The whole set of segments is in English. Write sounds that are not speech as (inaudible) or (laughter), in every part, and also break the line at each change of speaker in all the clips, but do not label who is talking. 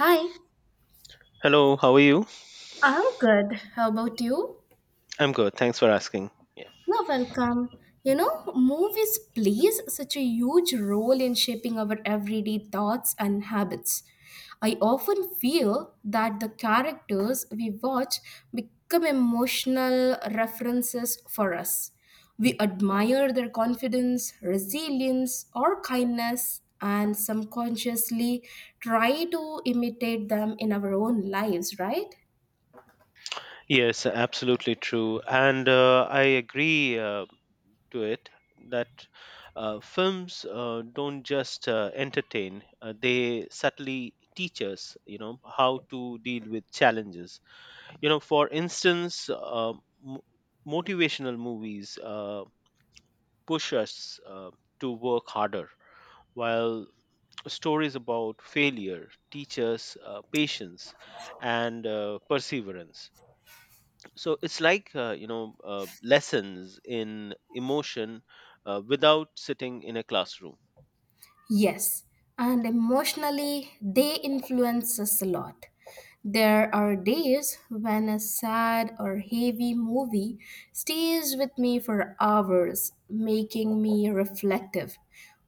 Hi,
Hello, how are you?
I'm good. How about you?
I'm good. Thanks for asking. Yeah.
You're welcome. You know, movies plays such a huge role in shaping our everyday thoughts and habits. I often feel that the characters we watch become emotional references for us. We admire their confidence, resilience, or kindness, and subconsciously try to imitate them in our own lives, right?
Yes, absolutely true. And I agree to it that films don't just entertain, they subtly teach us how to deal with challenges. You know, for instance, mo motivational movies push us to work harder, while stories about failure teach us patience and perseverance. So it's like, lessons in emotion without sitting in a classroom.
Yes, and emotionally, they influence us a lot. There are days when a sad or heavy movie stays with me for hours, making me reflective.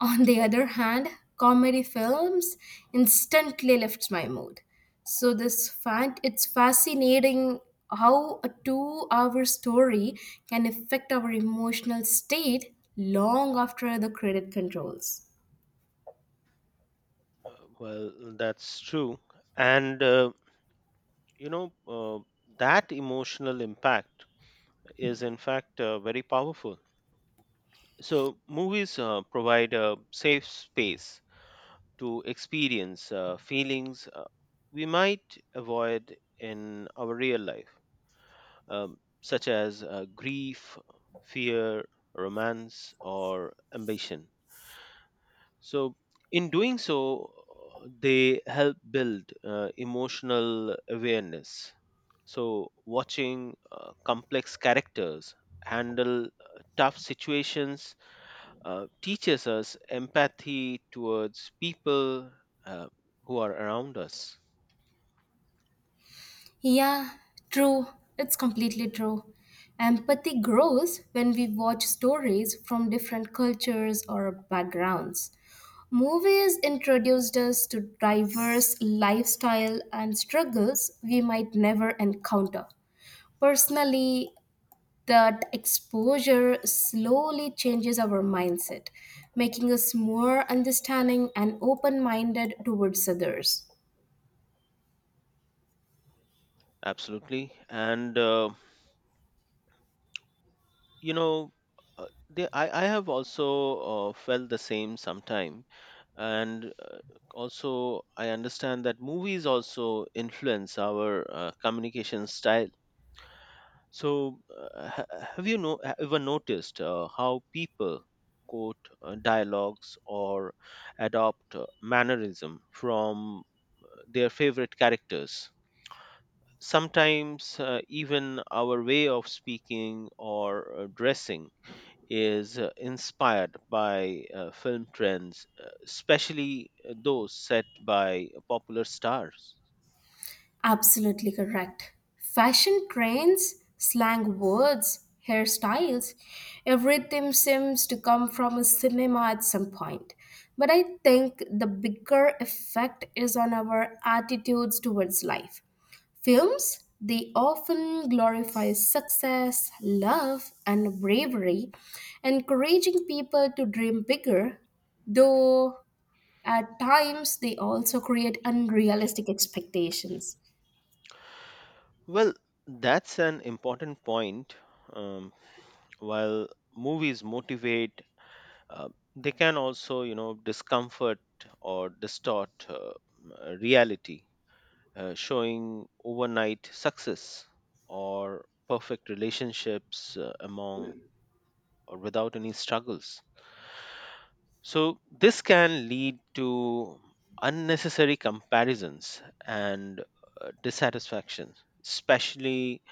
On the other hand, comedy films instantly lifts my mood. So this fact it's fascinating how a two-hour story can affect our emotional state long after the credit controls.
Well, that's true. And, you know, uh, that emotional impact is, in fact, very powerful. So movies provide a safe space to experience feelings we might avoid in our real life, um, such as grief, fear, romance, or ambition. So, in doing so, they help build emotional awareness. So, watching complex characters handle tough situations teaches us empathy towards people uh, who are around us.
Yeah, true. It's completely true. Empathy grows when we watch stories from different cultures or backgrounds. Movies introduced us to diverse lifestyle and struggles we might never encounter. Personally, that exposure slowly changes our mindset, making us more understanding and open minded towards others.
Absolutely. And you know I have also felt the same sometime and also I understand that movies also influence our communication style. So have you know, ever noticed how people quote dialogues or adopt mannerism from their favorite characters. Sometimes even our way of speaking or dressing is inspired by film trends, especially those set by popular stars.
Absolutely correct. Fashion trends, slang words, hairstyles, everything seems to come from a cinema at some point. But I think the bigger effect is on our attitudes towards life. Films, they often glorify success, love, and bravery, encouraging people to dream bigger, though at times they also create unrealistic expectations.
Well, that's an important point. Um, while movies motivate, uh, they can also, you know, discomfort or distort reality, showing overnight success or perfect relationships among or without any struggles. So, this can lead to unnecessary comparisons and dissatisfaction, especially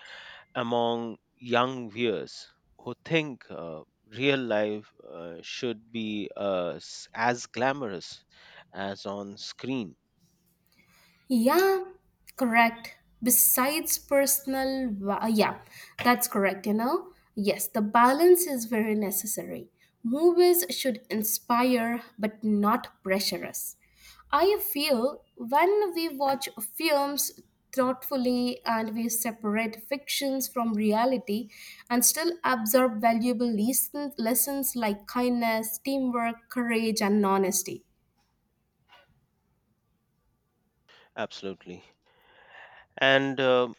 among young viewers who think real life should be as glamorous as on screen.
Yeah, correct. Yeah, that's correct, you know. Yes, the balance is very necessary. Movies should inspire but not pressure us. I feel when we watch films thoughtfully and we separate fictions from reality and still absorb valuable lessons like kindness, teamwork, courage, and honesty.
Absolutely. And, uh,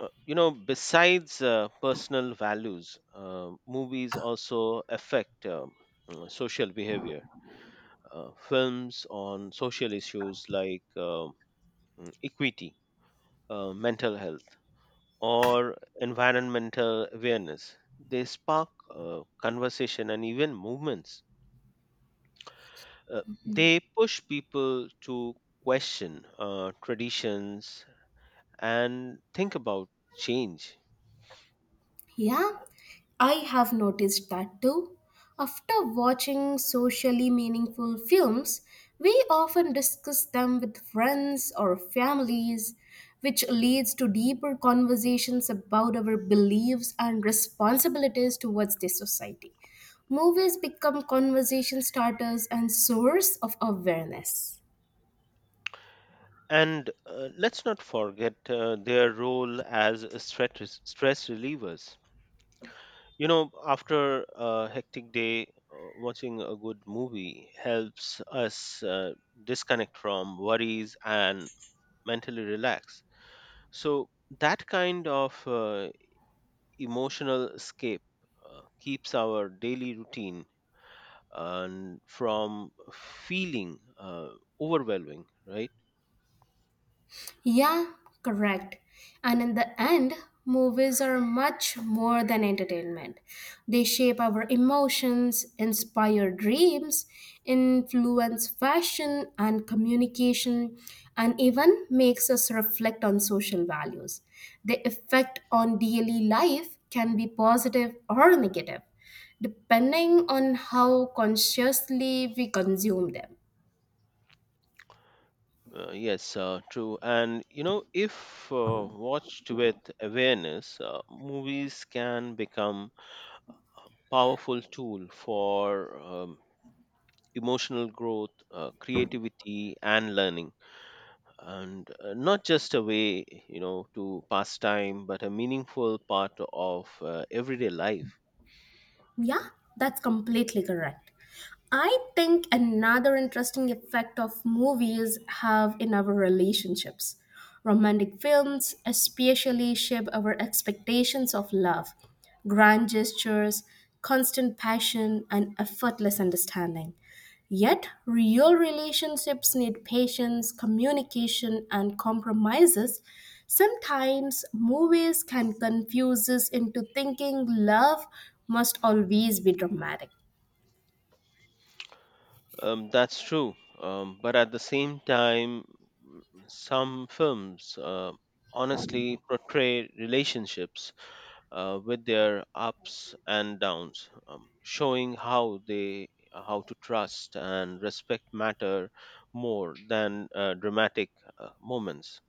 uh, you know, besides personal values, movies also affect social behavior. Films on social issues like equity, mental health, or environmental awareness. They spark conversation and even movements. Uh, they push people to question traditions and think about change.
Yeah, I have noticed that too. After watching socially meaningful films, we often discuss them with friends or families, which leads to deeper conversations about our beliefs and responsibilities towards the society. Movies become conversation starters and source of awareness.
And let's not forget their role as stress relievers. You know, after a hectic day, watching a good movie helps us disconnect from worries and mentally relax. So, that kind of emotional escape keeps our daily routine and from feeling overwhelming, right?
Yeah, correct. And in the end, movies are much more than entertainment. They shape our emotions, inspire dreams, influence fashion and communication, and even makes us reflect on social values. The effect on daily life can be positive or negative, depending on how consciously we consume them.
Yes, true. And you know, if watched with awareness, movies can become powerful tool for emotional growth, creativity, and learning. And not just a way, you know, to pass time, but a meaningful part of everyday life.
Yeah, that's completely correct. I think another interesting effect of movies have in our relationships. Romantic films especially shape our expectations of love, grand gestures, constant passion, and effortless understanding. Yet, real relationships need patience, communication, and compromises. Sometimes, movies can confuse us into thinking love must always be dramatic.
That's true. But at the same time, some films honestly portray relationships with their ups and downs, showing how they how to trust and respect matter more than dramatic moments.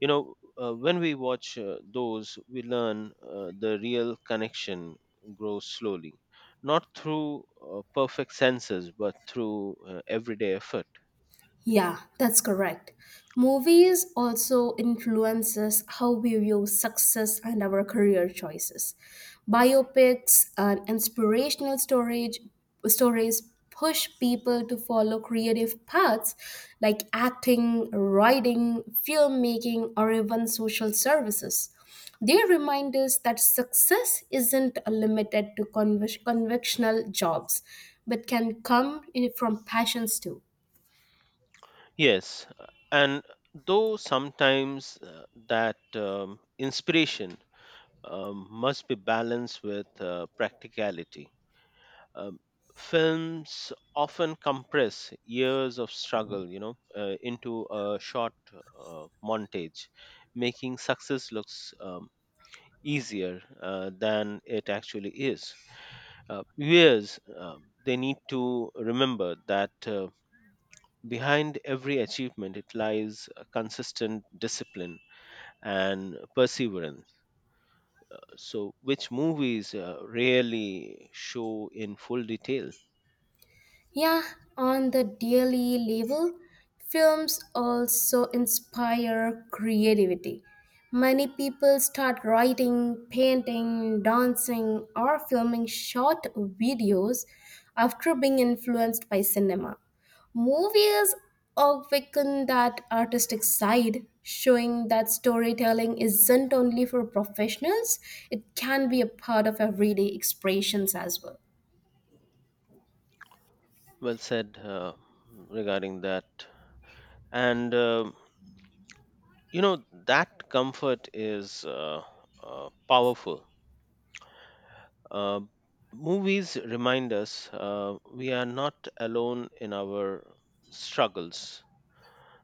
When we watch those, we learn the real connection grows slowly, not through perfect senses, but through everyday effort.
Yeah, that's correct. Movies also influences how we view success and our career choices. Biopics and inspirational storage stories push people to follow creative paths like acting, writing, filmmaking, or even social services. They remind us that success isn't limited to conventional jobs, but can come from passions too.
Yes, and though sometimes that inspiration must be balanced with practicality. Um, Films often compress years of struggle, into a short montage, making success looks easier than it actually is. Viewers, they need to remember that behind every achievement, it lies a consistent discipline and perseverance, so which movies rarely show in full detail.
Yeah, on the daily level, films also inspire creativity. Many people start writing, painting, dancing, or filming short videos after being influenced by cinema. Movies awaken that artistic side, showing that storytelling isn't only for professionals, it can be a part of everyday expressions as well.
Well said regarding that. And you know that comfort is powerful. uh, Movies remind us we are not alone in our struggles.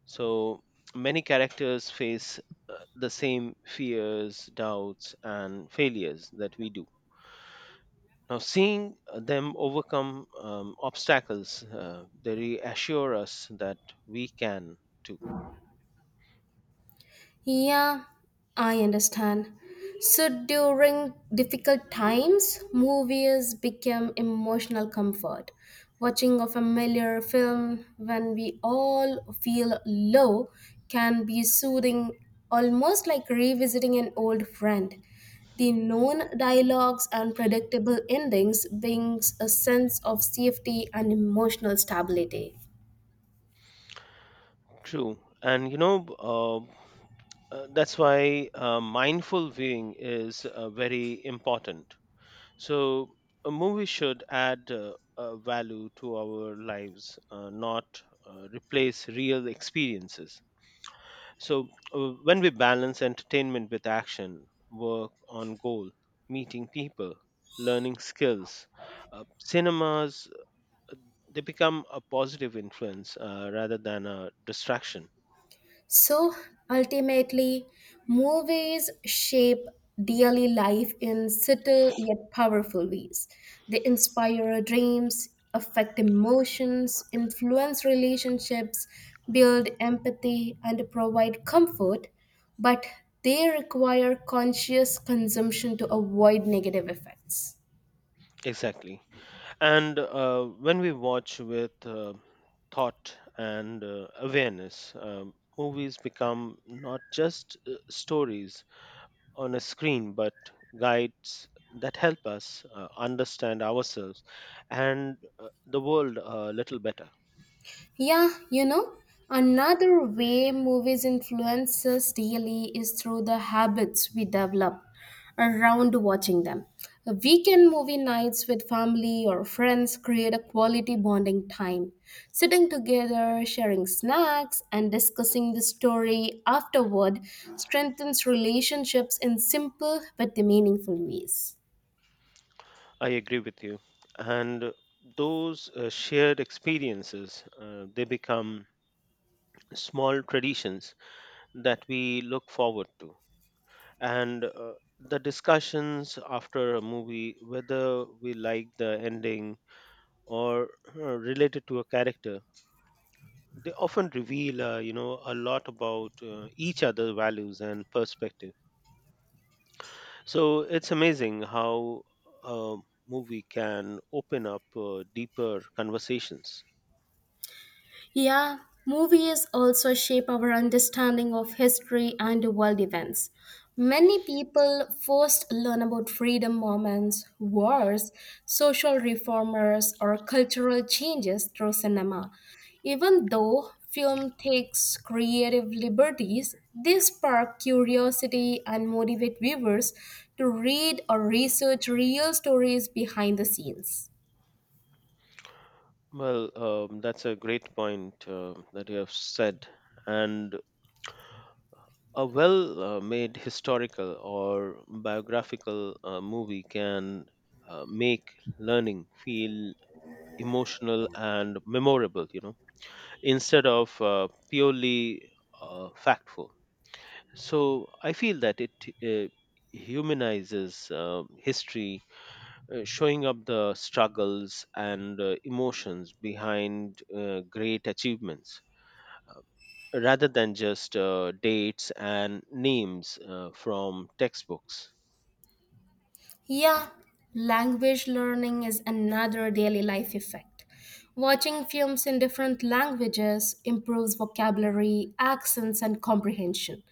So many characters face the same fears, doubts, and failures that we do. Now, seeing them overcome obstacles, they reassure us that we can too.
Yeah, I understand. So during difficult times, movies become emotional comfort. Watching a familiar film when we all feel low can be soothing, almost like revisiting an old friend. The known dialogues and predictable endings brings a sense of safety and emotional stability.
True. That's why mindful viewing is very important. So, a movie should add value to our lives, not replace real experiences. So, when we balance entertainment with action, work on goal, meeting people, learning skills, cinemas, uh, they become a positive influence rather than a distraction.
So ultimately, movies shape daily life in subtle yet powerful ways. They inspire dreams, affect emotions, influence relationships, build empathy, and provide comfort, but they require conscious consumption to avoid negative effects.
Exactly. And when we watch with thought and awareness, movies become not just stories on a screen, but guides that help us understand ourselves and the world a little better.
Yeah, you know, another way movies influence us daily is through the habits we develop around watching them. A weekend movie nights with family or friends create a quality bonding time. Sitting together, sharing snacks, and discussing the story afterward strengthens relationships in simple but the meaningful ways.
I agree with you. And those shared experiences, they become small traditions that we look forward to. And the discussions after a movie, whether we like the ending or related to a character, they often reveal a lot about each other's values and perspective. So it's amazing how a movie can open up deeper conversations.
Yeah, movies also shape our understanding of history and world events. Many people first learn about freedom moments, wars, social reformers, or cultural changes through cinema. Even though film takes creative liberties, they spark curiosity and motivate viewers to read or research real stories behind the scenes.
Well that's a great point that you have said. And a well made historical or biographical movie can make learning feel emotional and memorable, you know, instead of purely factful. So I feel that it uh, humanizes history, showing up the struggles and emotions behind great achievements, uh, rather than just dates and names from textbooks.
Yeah, language learning is another daily life effect. Watching films in different languages improves vocabulary, accents, and comprehension.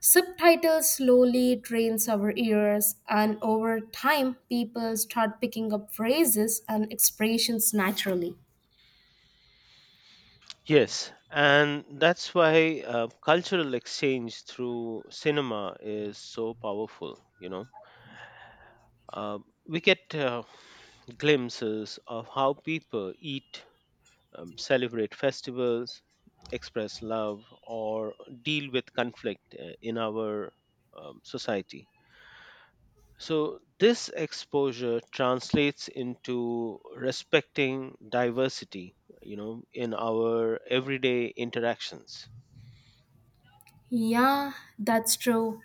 Subtitles slowly trains our ears, and over time, people start picking up phrases and expressions naturally.
Yes, and that's why cultural exchange through cinema is so powerful. You know, uh, we get glimpses of how people eat, celebrate festivals, express love, or deal with conflict in our society. So, this exposure translates into respecting diversity, you know, in our everyday interactions.
Yeah, that's true.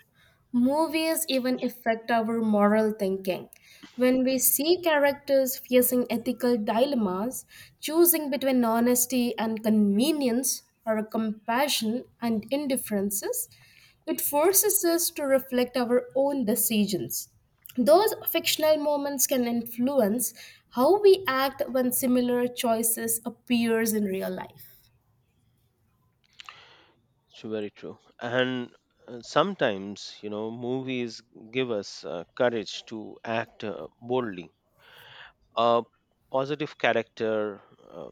Movies even affect our moral thinking. When we see characters facing ethical dilemmas, choosing between honesty and convenience or compassion and indifferences, it forces us to reflect our own decisions. Those fictional moments can influence how we act when similar choices appears in real life.
It's very true. And sometimes, you know, movies give us courage to act boldly. A positive character uh,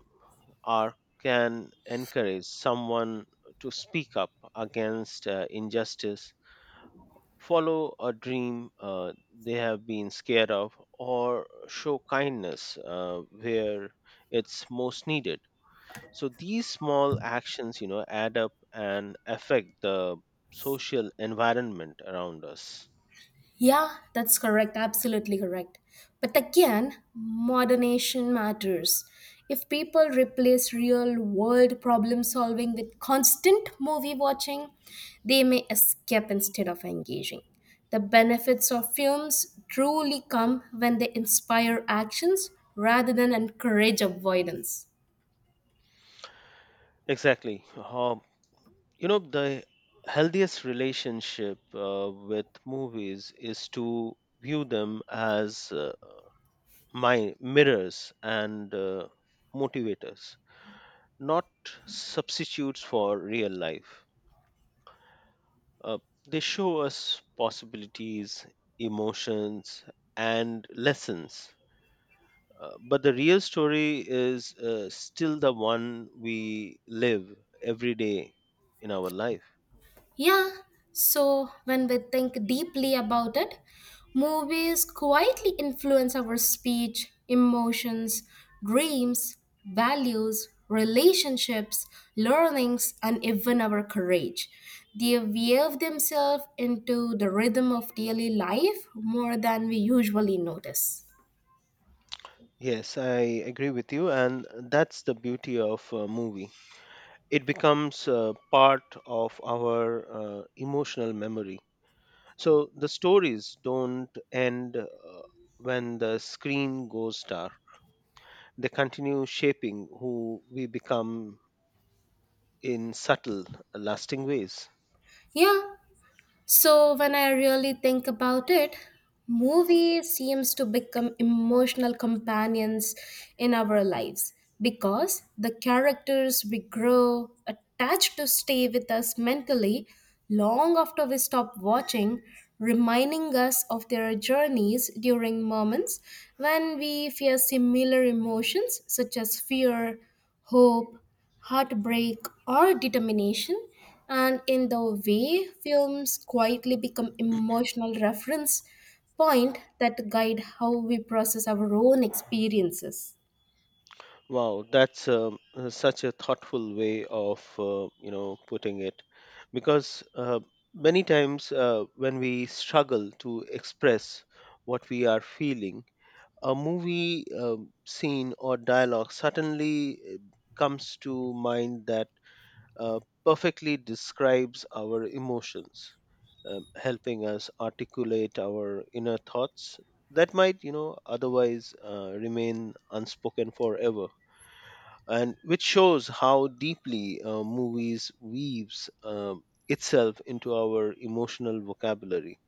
arc can encourage someone to speak up against injustice, follow a dream they have been scared of, or show kindness where it's most needed. So these small actions, you know, add up and affect the social environment around us.
Yeah, that's correct. Absolutely correct. But again, modernation matters. If people replace real world problem solving with constant movie watching, they may escape instead of engaging. The benefits of films truly come when they inspire actions rather than encourage avoidance.
Exactly. The healthiest relationship with movies is to view them as my mirrors and motivators, not substitutes for real life. uh, they show us possibilities, emotions, and lessons, but the real story is still the one we live every day in our life.
Yeah, so when we think deeply about it, movies quietly influence our speech, emotions, dreams, values, relationships, learnings, and even our courage. They weave themselves into the rhythm of daily life more than we usually notice.
Yes, I agree with you, and that's the beauty of a movie. It becomes part of our emotional memory. So the stories don't end when the screen goes dark, they continue shaping who we become in subtle, lasting ways.
Yeah, so, when I really think about it, movie seems to become emotional companions in our lives because the characters we grow attached to stay with us mentally long after we stop watching, reminding us of their journeys during moments when we fear similar emotions such as fear, hope, heartbreak, or determination. And in the way, films quietly become emotional reference point that guide how we process our own experiences.
Wow, that's such a thoughtful way of putting it, because many times when we struggle to express what we are feeling, a movie scene or dialogue suddenly comes to mind that perfectly describes our emotions, helping us articulate our inner thoughts that might you know otherwise remain unspoken forever, and which shows how deeply movies weaves itself into our emotional vocabulary.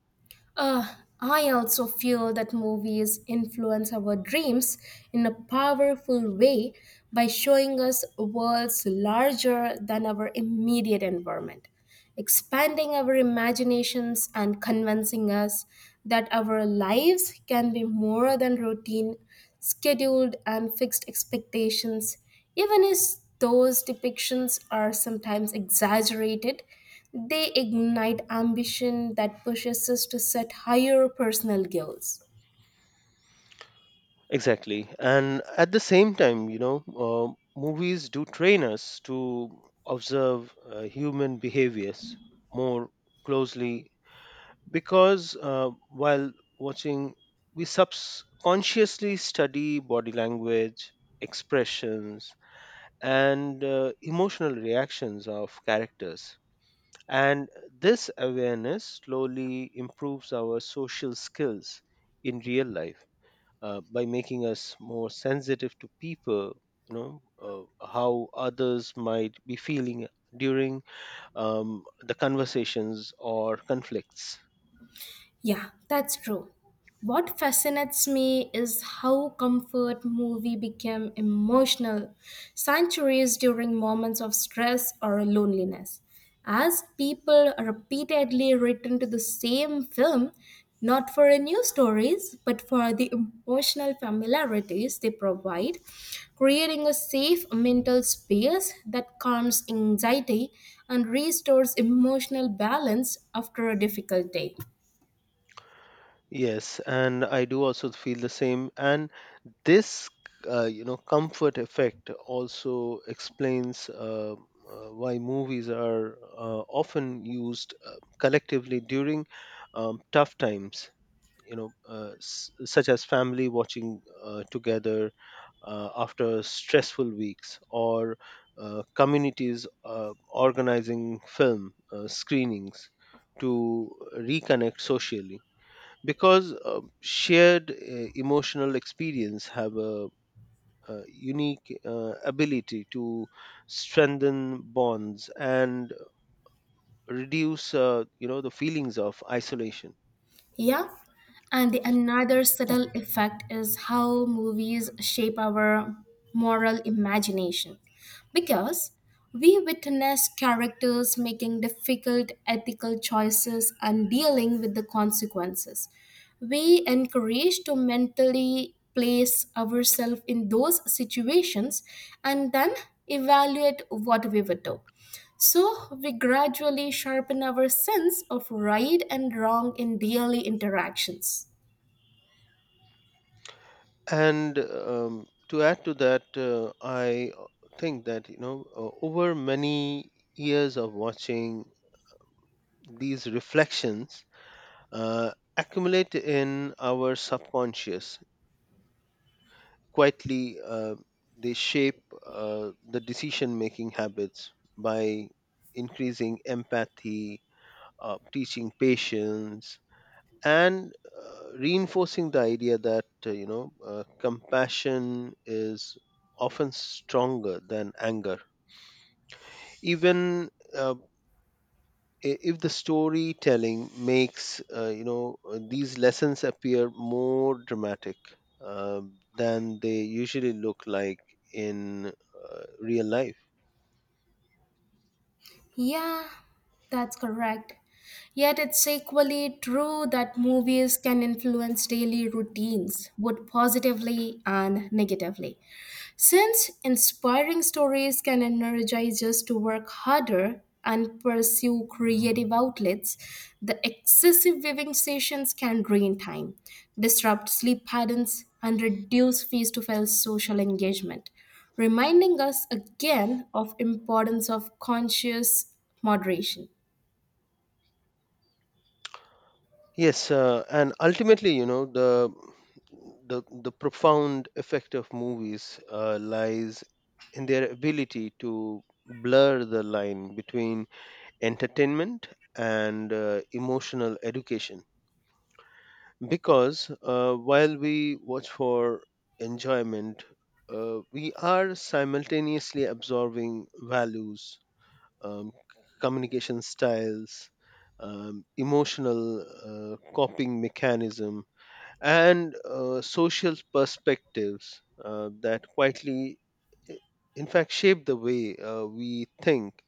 Uh, I also feel that movies influence our dreams in a powerful way by showing us worlds larger than our immediate environment, expanding our imaginations and convincing us that our lives can be more than routine, scheduled, and fixed expectations, even if those depictions are sometimes exaggerated they ignite ambition that pushes us to set higher personal goals.
Exactly, and at the same time, you know, uh, movies do train us to observe human behaviors more closely, because while watching we subconsciously study body language, expressions, and emotional reactions of characters. And this awareness slowly improves our social skills in real life, by making us more sensitive to people, you know, how others might be feeling during the conversations or conflicts.
Yeah, that's true. What fascinates me is how comfort movie became emotional sanctuaries during moments of stress or loneliness. As people repeatedly return to the same film, not for new stories, but for the emotional familiarities they provide, creating a safe mental space that calms anxiety and restores emotional balance after a difficult day.
Yes, and I do also feel the same. And this comfort effect also explains why movies are often used collectively during tough times, you know, such as family watching together after stressful weeks, or communities organizing film screenings to reconnect socially, because shared emotional experience have a unique ability to strengthen bonds and reduce the feelings of isolation.
Yeah. And the another subtle effect is how movies shape our moral imagination. Because we witness characters making difficult ethical choices and dealing with the consequences. We encourage to mentally place ourselves in those situations and then evaluate what we would do so we gradually sharpen our sense of right and wrong in daily interactions.
And to add to that I think that you know over many years of watching these reflections accumulate in our subconscious quietly. They shape the decision making habits by increasing empathy, teaching patience, and reinforcing the idea that compassion is often stronger than anger, even uh, I- if the storytelling makes these lessons appear more dramatic uh, than they usually look like in real life.
Yeah, that's correct. Yet it's equally true that movies can influence daily routines, both positively and negatively. Since inspiring stories can energize us to work harder and pursue creative outlets, the excessive viewing sessions can drain time, disrupt sleep patterns, and reduce face-to-face social engagement, reminding us again of importance of conscious moderation.
Yes, and ultimately, you know, the profound effect of movies lies in their ability to blur the line between entertainment and emotional education. Because while we watch for enjoyment, we are simultaneously absorbing values, um, communication styles, emotional coping mechanism, and social perspectives that quietly, i- in fact, shape the way we think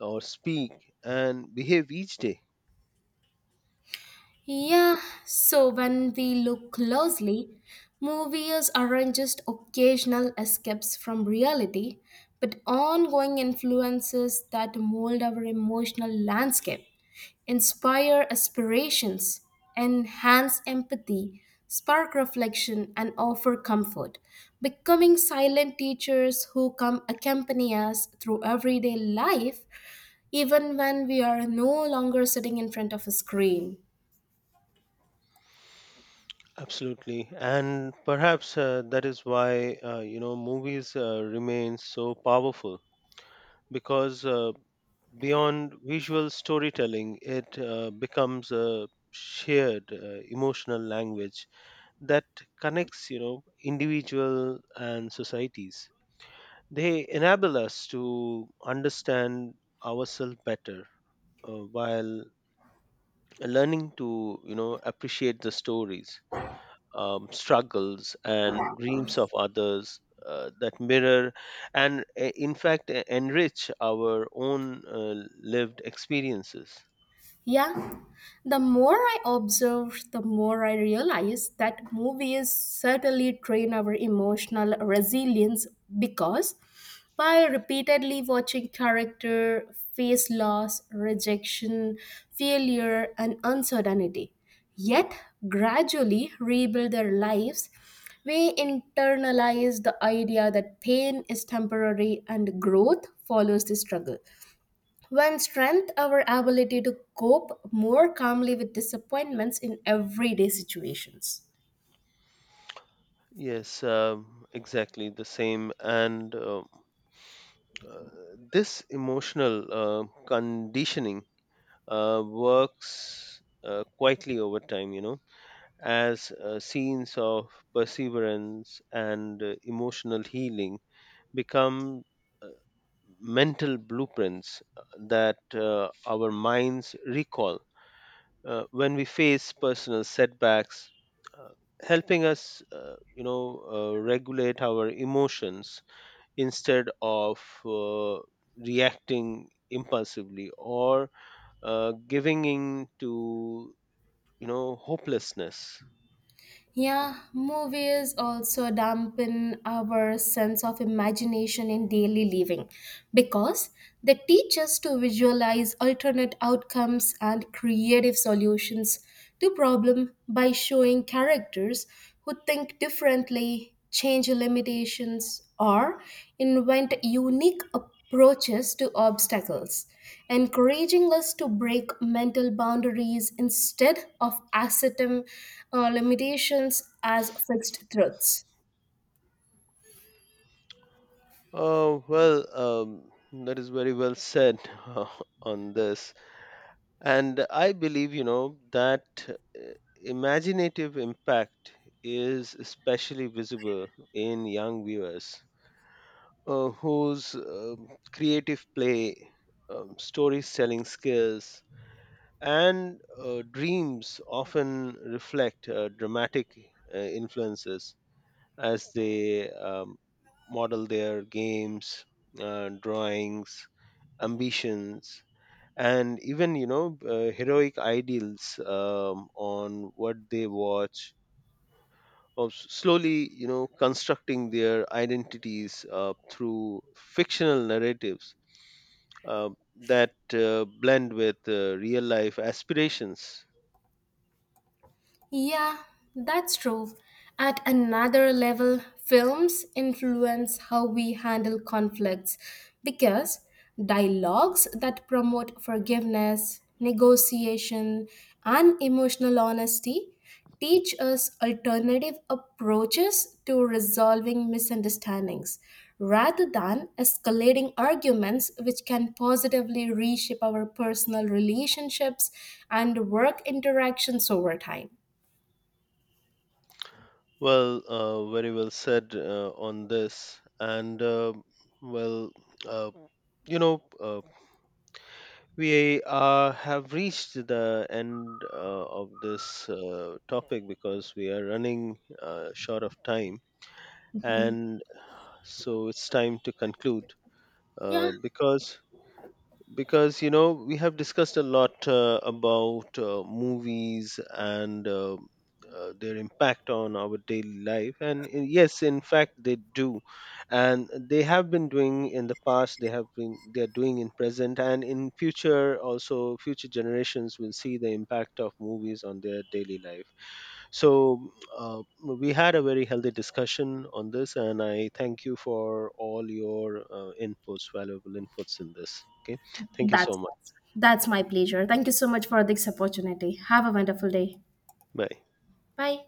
or speak and behave each day.
Yeah, so when we look closely, movies aren't just occasional escapes from reality, but ongoing influences that mold our emotional landscape, inspire aspirations, enhance empathy, spark reflection, and offer comfort, becoming silent teachers who come accompany us through everyday life, even when we are no longer sitting in front of a screen.
Absolutely, and perhaps that is why movies remain so powerful because beyond visual storytelling, it becomes a shared emotional language that connects, you know, individual and societies. They enable us to understand ourselves better while learning to, you know, appreciate the stories, struggles, and dreams of others that mirror and, in fact, enrich our own lived experiences.
Yeah, the more I observe, the more I realize that movies certainly train our emotional resilience because by repeatedly watching character face loss, rejection, failure, and uncertainty, yet gradually rebuild their lives, we internalize the idea that pain is temporary and growth follows the struggle one strength, our ability to cope more calmly with disappointments in everyday situations.
Yes, exactly the same. And uh, this emotional conditioning works quietly over time, you know, as scenes of perseverance and emotional healing become uh, mental blueprints that our minds recall when we face personal setbacks, uh, helping us regulate our emotions instead of reacting impulsively or giving in to, you know, hopelessness.
Yeah, movies also dampen our sense of imagination in daily living because they teach us to visualize alternate outcomes and creative solutions to problem by showing characters who think differently, change limitations, or invent unique approaches to obstacles, encouraging us to break mental boundaries instead of accepting limitations as fixed truths.
Oh, well, that is very well said (laughs) on this. And I believe, you know, that imaginative impact is especially visible in young viewers whose creative play, storytelling skills, and dreams often reflect dramatic influences as they model their games, drawings, ambitions, and even you know heroic ideals on what they watch, of slowly, you know, constructing their identities through fictional narratives uh, that blend with real life aspirations.
Yeah, that's true. At another level, films influence how we handle conflicts because dialogues that promote forgiveness, negotiation, and emotional honesty teach us alternative approaches to resolving misunderstandings rather than escalating arguments which can positively reshape our personal relationships and work interactions over time.
Well very well said on this. And well uh, you know uh, we have reached the end of this topic, because we are running short of time.
Mm.
And so it's time to conclude,
Yeah,
because because you know we have discussed a lot about movies and their impact on our daily life. And yes, in fact they do, and they have been doing in the past, they have been they are doing in present, and in future also future generations will see the impact of movies on their daily life. So uh, we had a very healthy discussion on this, and I thank you for all your inputs, valuable inputs in this. Okay, thank you so
that's
much.
that's my pleasure. Thank you so much for this opportunity. Have a wonderful day.
Bye.
Bye.